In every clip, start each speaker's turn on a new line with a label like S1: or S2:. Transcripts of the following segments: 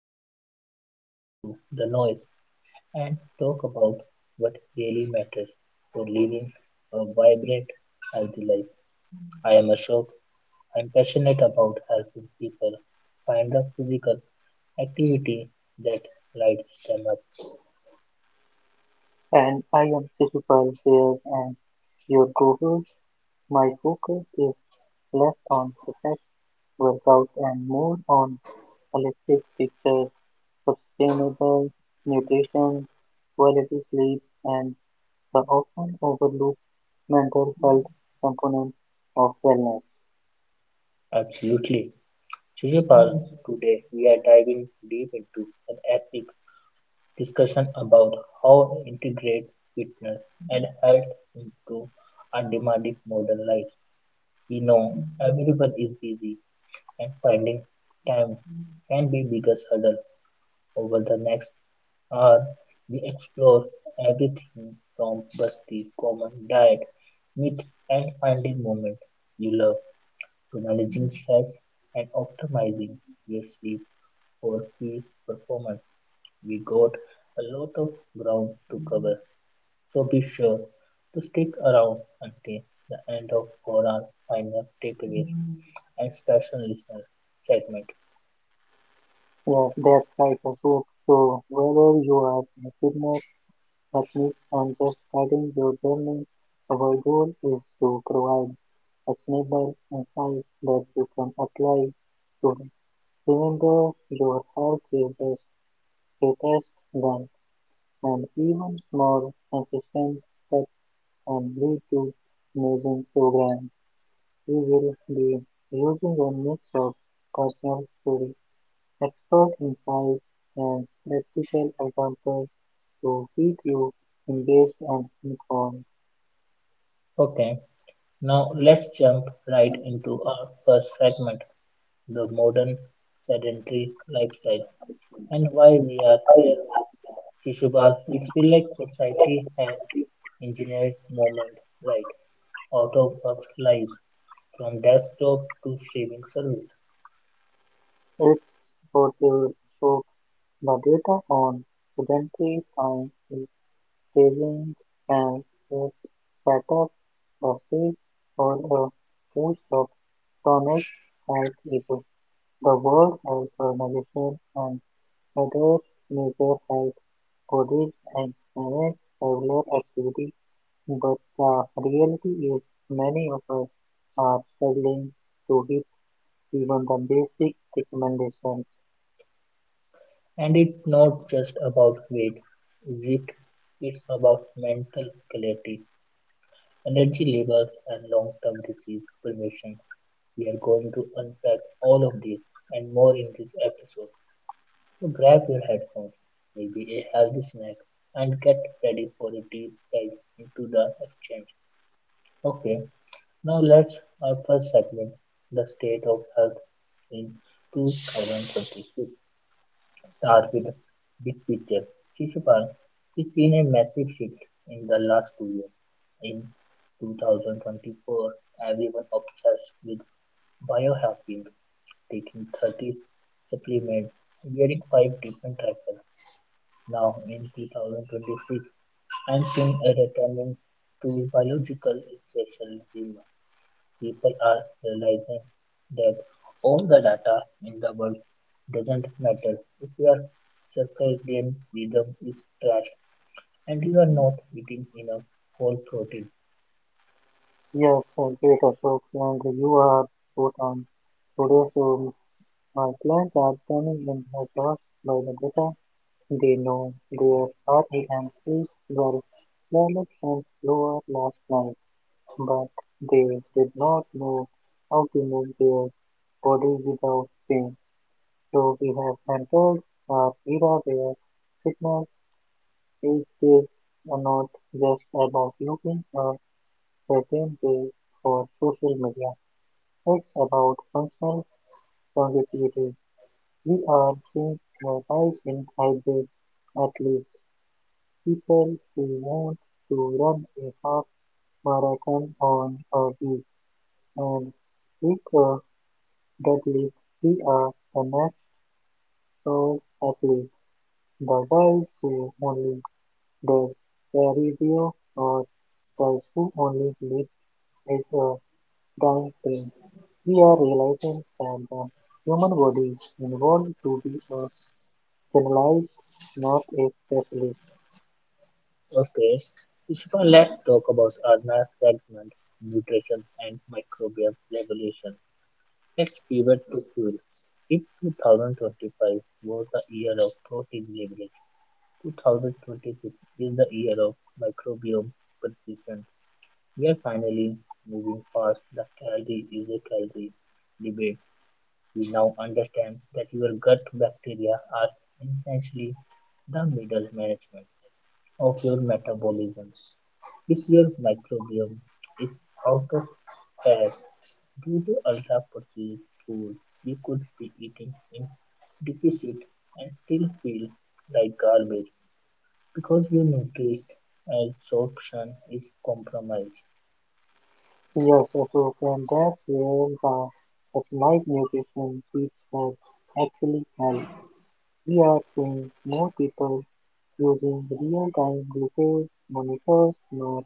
S1: show where we cut through the noise and talk about what really matters for living a vibrant, healthy life. I am Ashok. I'm passionate about helping people find a physical activity that lights them up.
S2: And I am Shishupal here, and your co-host. My focus is less on perfect workout and more on holistic picture, sustainable nutrition, quality sleep, and the often overlooked mental health component of wellness.
S1: Absolutely. Shishupal, today we are diving deep into an epic discussion about how integrate fitness and health into our demanding modern life. We know everyone is busy and finding time can be biggest hurdle over the next hour. We explore everything from busty common diet, myth and finding moment you love to managing stress and optimizing your sleep for peak performance. We got a lot of ground to cover, so be sure to stick around until the end of for our final takeaways and special listener segment.
S2: Yes, that's right, Ashok. Whether you are a fitness techniques and just guiding your journey. Our goal is to provide actionable insight that you can apply to it. Remember, your health is your greatest wealth, and even small consistent steps can lead to amazing programs. We will be using a mix of personal story, expert insights, and practical examples to keep you engaged and informed.
S1: Okay, now let's jump right into our first segment, the modern sedentary lifestyle and why we are
S2: It's
S1: here. Shishubal, it feels like society has engineered movement right out of our lives, from desk job to streaming service.
S2: portal shows the data on sedentary time in staging and it's set up the stage for a host of chronic health issues. The World Health Organization and other major health bodies encourage regular activity, but the reality is many of us are struggling to hit even the basic recommendations.
S1: And it's not just about weight, is it? It's about mental clarity, energy levels, and long term disease prevention. We are going to unpack all of this and more in this episode. So grab your headphones, maybe a healthy snack, and get ready for a deep dive into the exchange. Okay, now let's our first segment, the state of health in 2026. Start with the big picture. Shishupal is seen a massive shift in the last 2 years. In 2024, everyone obsessed with biohacking, taking 30 supplements, wearing five different cycles. Now, in 2026, I'm seeing a returning to biological essentialism people are realizing that all the data in the world doesn't matter if your circadian rhythm is trash and you are not eating enough whole protein.
S2: Yes, great Ashok, and you are spot on. Today, so my clients are coming in exhausted by the data. They know their REM sleep well developed and lower last night, but they did not know how to move their body without pain. So we have entered our era where fitness is just not just about looking a certain way for social media. It's about functional longevity. We are seeing a rise in hybrid athletes, people who want to run a half marathon on a week and lift a deadlift. We are the next pro athlete, the guys who only does cardio or guys who only lift is a dying trend. We are realizing that the human body evolved to be a generalized, not a specialist.
S1: Okay, Ishika, let's talk about our segment, nutrition and microbial regulation. Let's pivot to fuel. If 2025 was the year of protein leverage, 2026 is the year of microbiome precision. We are finally moving past the calorie is a calorie debate. We now understand that your gut bacteria are essentially the middle management of your metabolism. If your microbiome is out of whack due to ultra processed food, you could be eating in deficit and still feel like garbage because your nutrient absorption is compromised.
S2: Yes, absolutely, and that's where the personalized nutrition piece has actually helped. We are seeing more people using real-time glucose monitors not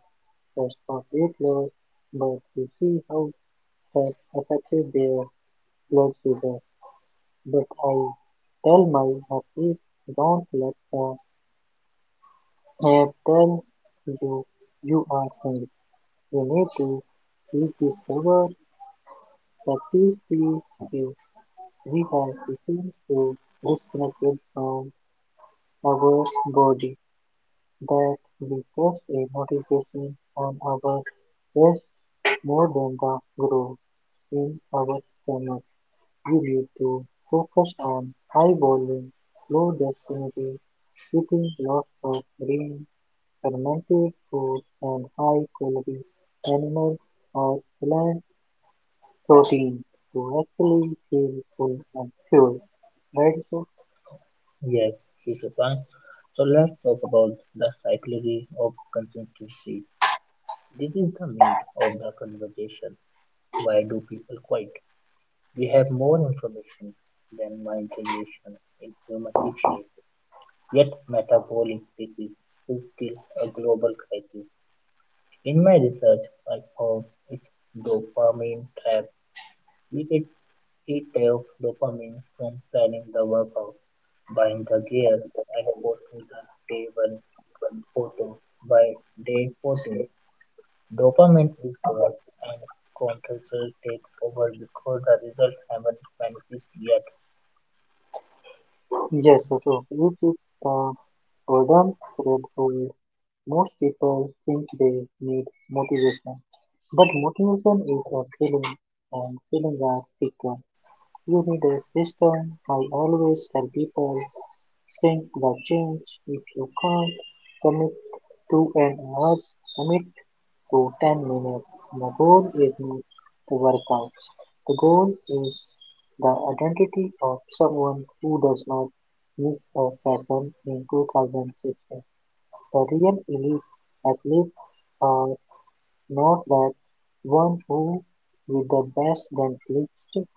S2: just for weight loss, but to see how stress affected their blood sugar. But I tell my athletes, don't let the app tell you you are hungry. You need to rediscover, discover skill we have become so disconnected from our body that we trust a motivation on our wrist more than the growth in our stomach. We need to focus on eyeballing low density, eating lots of green, fermented food, and high quality animal or plant protein to actually feel full and fueled, right? So,
S1: Yes, future plans. So let's talk about the psychology of consistency. This is the meat of the conversation. Why do people quit? We have more information than my generation in human history, yet metabolic disease is still a global crisis. In my research, I found it's dopamine trap. We get hit of dopamine from planning the workout buying the gear and posting the table photo by day 14, dopamine is gone and controls take over before the results haven't manifest yet.
S2: yes, so so which is the golden thread for most people think they need motivation, but motivation is a feeling, and feelings are fickle. You need a system. I always tell people think the change. If you can't commit to an hour, commit to 10 minutes. The goal is not the workout. The goal is the identity of someone who does not miss a session in 2016. The real elite athletes are not that one who with the best then clicks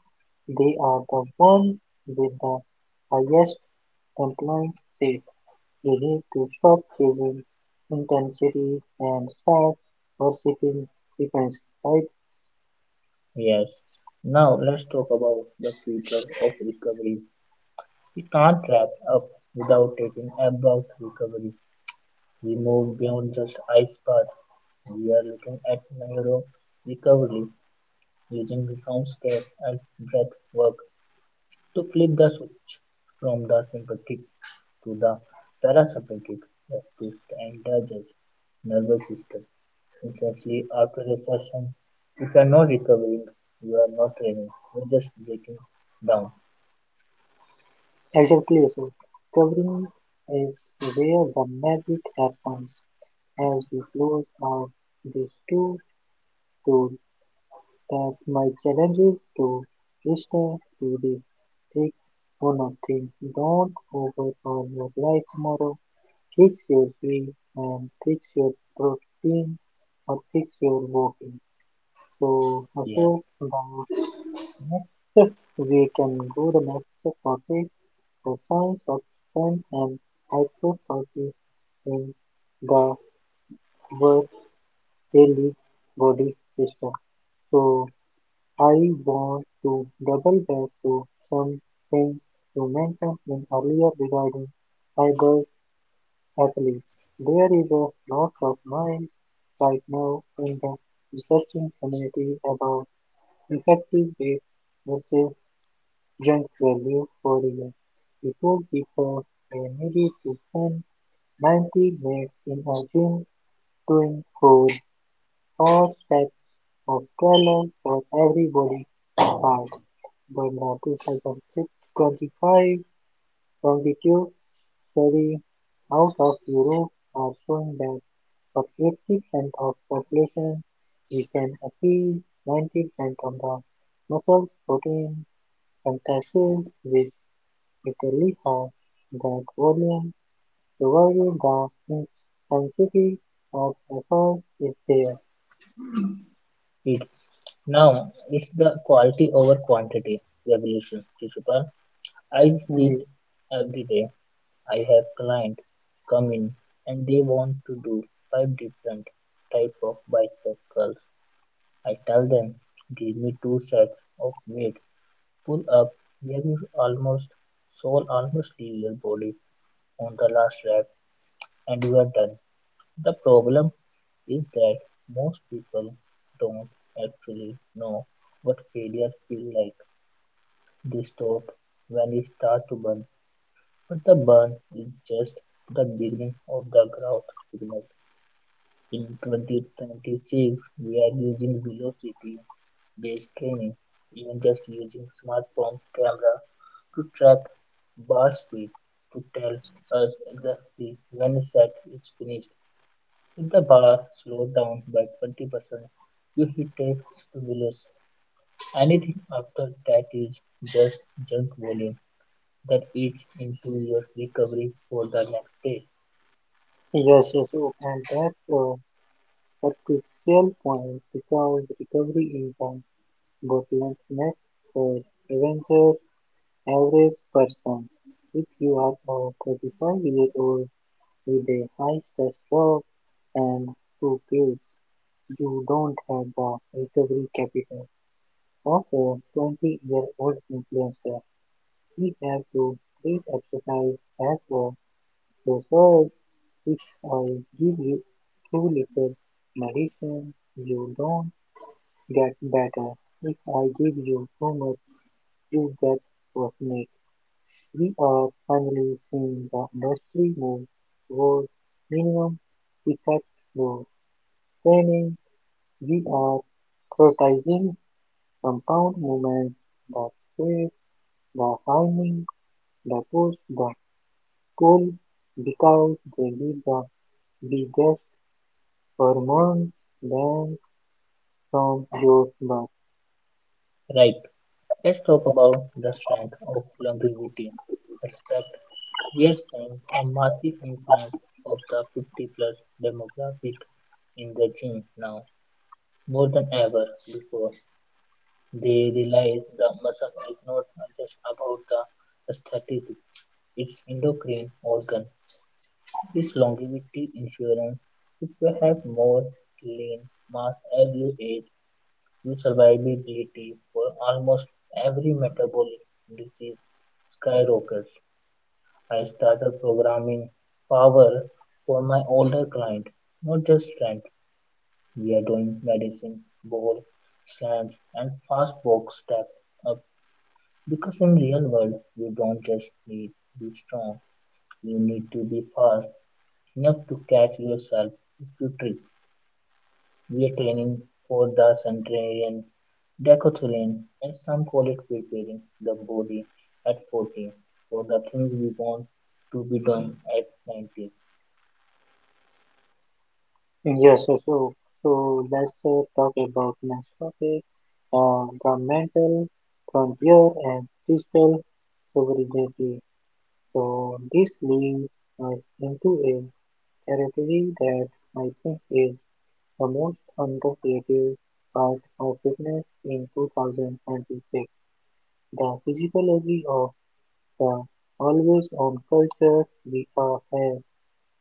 S2: they are the one with the highest compliance rate. We need to stop chasing intensity and start worshipping frequency, right?
S1: Yes. Now let's talk about the future of recovery. We can't wrap up without taking about recovery. We move beyond just ice bath. We are looking at neuro recovery using ground step and breath work to flip the switch from the sympathetic to the parasympathetic response and the entire nervous system instantly after a session. If you are not recovering, you are not training, you are just breaking down.
S2: Exactly so. Covering is where the magic happens as we close out these two tools that my challenge is to listener to this. Take one of things: don't over on your life tomorrow. Fix your way and fix your protein or fix your walking. So
S1: Here.
S2: Ashok, the next we can go the next topic, the science of strength and hypertrophy in the our daily body system. So I want to double back to something you mentioned in earlier regarding fiber athletes. There is a lot of noise right now in the researching community about effective weights versus junk value for real. Before people may need to spend 90 minutes in a gym doing 4 or sets of 12 for every body part, but the 2025 longitude study out of Europe are showing that for 80% of population, we can achieve 90% of the muscles protein synthesis with relatively high that volume, provided the intensity of effort is there.
S1: Yeah, it. Now it's the quality over quantity revolution. Shishupal. I see
S2: Mm,
S1: it every day. I have clients come in and they want to do five different type of bicep curl. I tell them, give me two sets of weight, pull up, where you almost soul almost leave your body on the last rep and you are done. The problem is that most people don't actually know what failure feels like. They stop when you start to burn, but the burn is just the beginning of the growth signal. In 2026, we are using velocity based training, even just using smartphone camera to track bar speed to tell us exactly when a set is finished. If the bar slowed down by 20%, you hit a stimulus. Anything after that is just junk volume that eats into your recovery for the next day.
S2: Yes, oh, and that's a crucial point because recovery is the bottleneck for Avengers average person. If you are a 35-year-old with a high stress job and two kids, you don't have the recovery capital of a 20-year-old influencer. We have to treat exercise as a resource. If I give you too little medicine, you don't get better. If I give you too much, you get worsened. We are finally seeing the industry move towards minimum effect laws. Training, we are criticizing compound movements that sweep, the timing, the push, the pull, because they give the biggest hormones bang from your butt.
S1: Right, let's talk about the strength of longevity. Aspect Yearstime, a massive influence of the 50-plus demographic in the gym now, more than ever before. They realize the muscle is not just about the aesthetic, it's endocrine organ. Its longevity insurance. If you have more lean mass as you age, you survivability for almost every metabolic disease skyrockets. I started programming power for my older client, not just strength. We are doing medicine, ball, slams, and fast walk step up because in real world you don't just need to be strong, you need to be fast enough to catch yourself if you trip. We are training for the centenarian, decathlon, and some call it preparing the body at 14 for the things we want to be done at 90.
S2: Yes, so let's talk about next topic, the mental frontier and digital sovereignty. So this leads us into a territory that I think is the most underrated part of fitness in 2026, the physiology of the always on culture. Have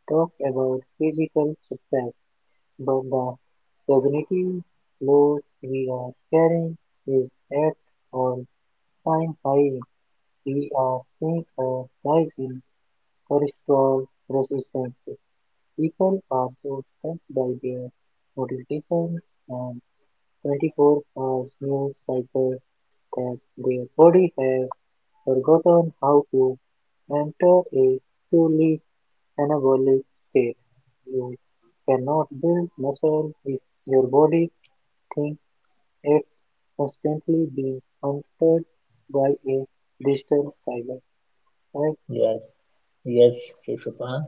S2: talked about physical success, but the cognitive load we are carrying is at all time high. We are seeing a rise in cholesterol resistance. People are so stressed by their nutrition and 24 hours news cycle that their body have forgotten how to enter a truly anabolic state. You cannot build muscle if your body thinks it's constantly being hunted by a digital tiger. Right?
S1: Yes, yes, Keshupa,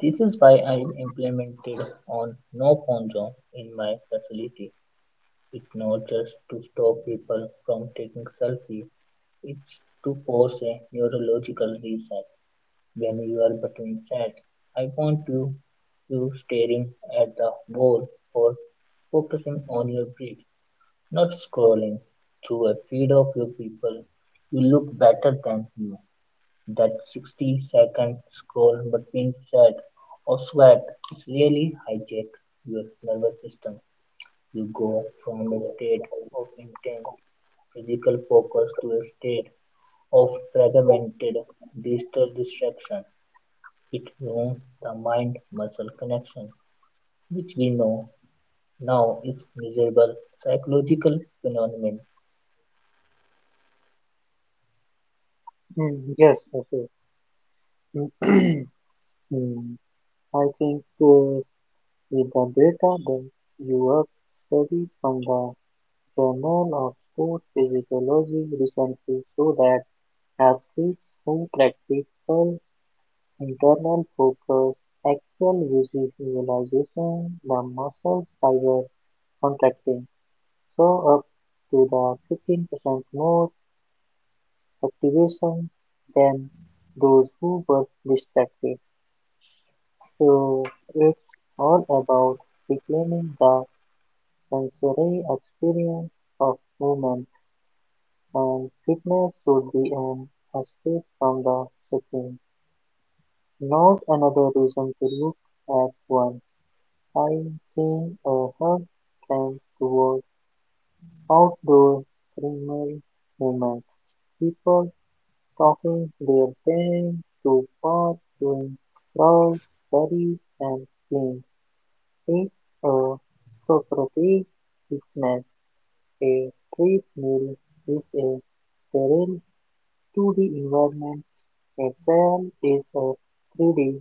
S1: this is why I implemented on no phone zone in my facility. It's not just to stop people from taking selfie, it's to force a neurological reset. When you are between sets, I want you staring at the wall or focusing on your breath, not scrolling through a feed of your people. You look better than you that 60-second scroll between set or sweat. It's really hijack your nervous system. You go from a state of intense physical focus to a state of fragmented digital distraction. It ruins the mind-muscle connection, which we know now is miserable psychological phenomenon.
S2: Yes, okay. Mm, I think with the data that you have studied from the Journal of Sports Physiology recently showed that athletes who practice internal focus, actual visualization, the muscles fiber contracting, show up to the 15% more activation than those who were distracted. So it's all about reclaiming the sensory experience of movement and fitness should be an escape from the setting, not another reason to look at one. I'm seeing a hard trend toward outdoor primal movement. People talking their pain to park, doing crawls, carries, and things. It's a cooperative fitness. A treadmill is a sterile 2D environment, a trail is a 3D,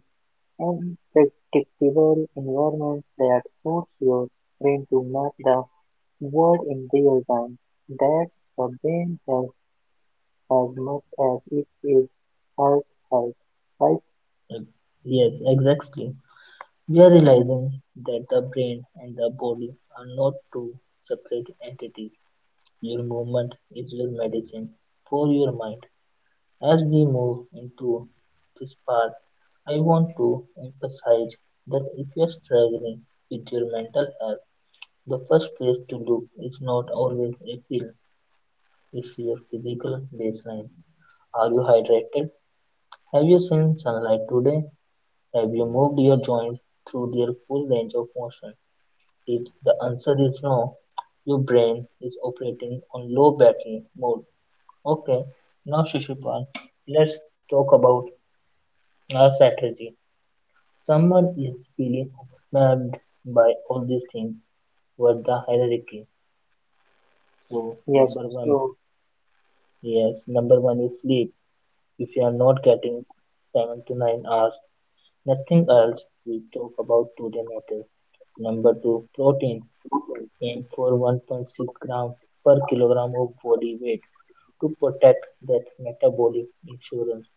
S2: unpredictable environment that forces your brain to map the world in real time. That's the brain has as much as it is heart health, right?
S1: Yes, exactly. We are realizing that the brain and the body are not two separate entities. Your movement is your medicine for your mind. As we move into this part, I want to emphasize that if you are struggling with your mental health, the first place to look is not always a pill, it's your physical baseline. Are you hydrated? Have you seen sunlight today? Have you moved your joints through their full range of motion? If the answer is no, your brain is operating on low battery mode. Okay, now Shishupal, let's talk about our strategy. Someone is feeling overwhelmed by all these things. What the hierarchy? So
S2: Yes,
S1: number one,
S2: so
S1: yes, number one is sleep. If you are not getting 7 to 9 hours, nothing else we talk about today matters. Number two, protein. Aim for 1.6 gram per kilogram of body weight to protect that metabolic insurance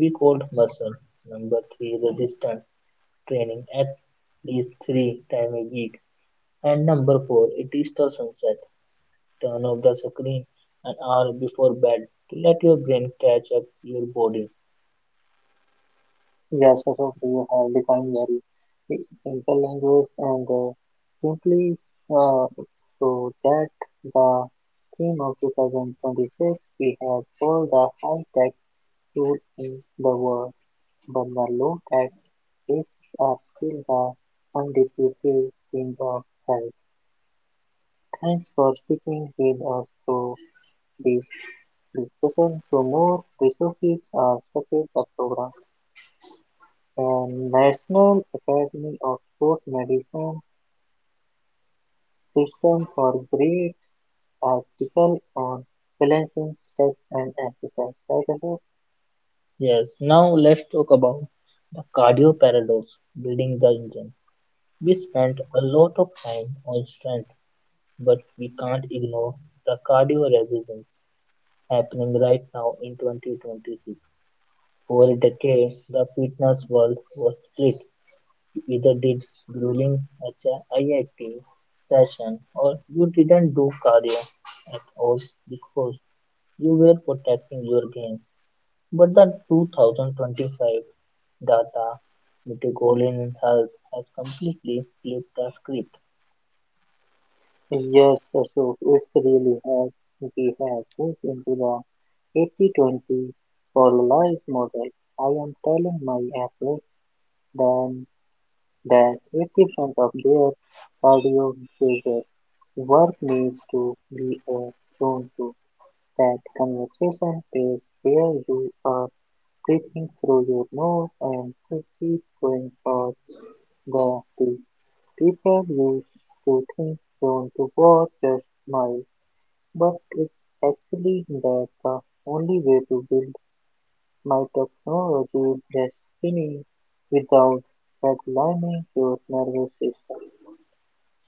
S1: we called muscle. Number three, resistance training at least three times a week. And number four, it is the sunset. Turn off the screen an hour before bed to let your brain catch up your body.
S2: yes, also we have defined very simple language and simply uh, so that the theme of 2026 we have all the high-tech tools in the world, but the low-tech risks are still the undisputed king of health. Thanks for speaking with us through this discussion. For more resources or support the program. The National Academy of Sport Medicine system for great article on balancing stress and exercise. Right, Ashok?
S1: Yes, now let's talk about the cardio paradox building the engine. We spent a lot of time on strength, but we can't ignore the cardio resistance happening right now in 2026. For a decade, the fitness world was split. You either did grueling HIIT session or you didn't do cardio at all because you were protecting your game. But the 2025 data, Metagolan Health has completely flipped the script.
S2: Yes, Ashok, it's really has. We have moved into the 80-20 polarized model. I am telling my athletes then that 80% of their cardiovascular work needs to be a zone to that conversation is where you are breathing through your nose and to keep going for the things people used to think down to war just smile, but it's actually that the only way to build my technology destiny without redlining your nervous system.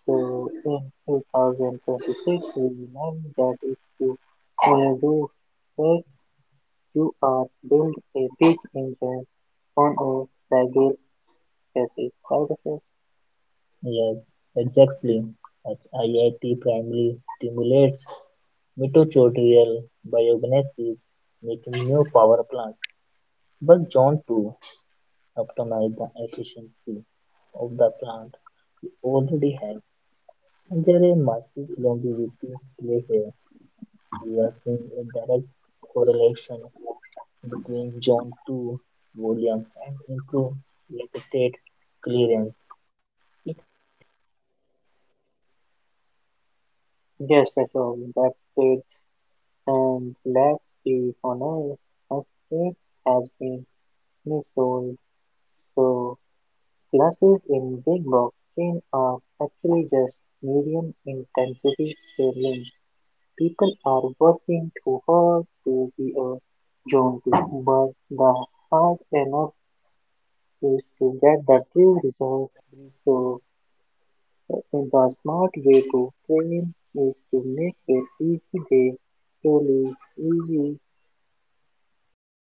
S2: So in 2026, we learned that if you do that, you are build a big engine on a regular. Yes, right Ashok?
S1: Yes, exactly. As IIT primarily stimulates mitochondrial biogenesis, making new power plants. But John too optimize the efficiency of the plant we already have, and there is massive longevity play here. We are seeing a direct correlation between John 2 volume and improved lactate clearance.
S2: Yes, Ashok, that's great. And let's be honest, a it has been missold. So, classes in big box chain are actually just medium intensity scaling. People are working too hard to be a zone two, but the hard enough is to get the real result. So, the smart way to train is to make it easy day to live, easy, not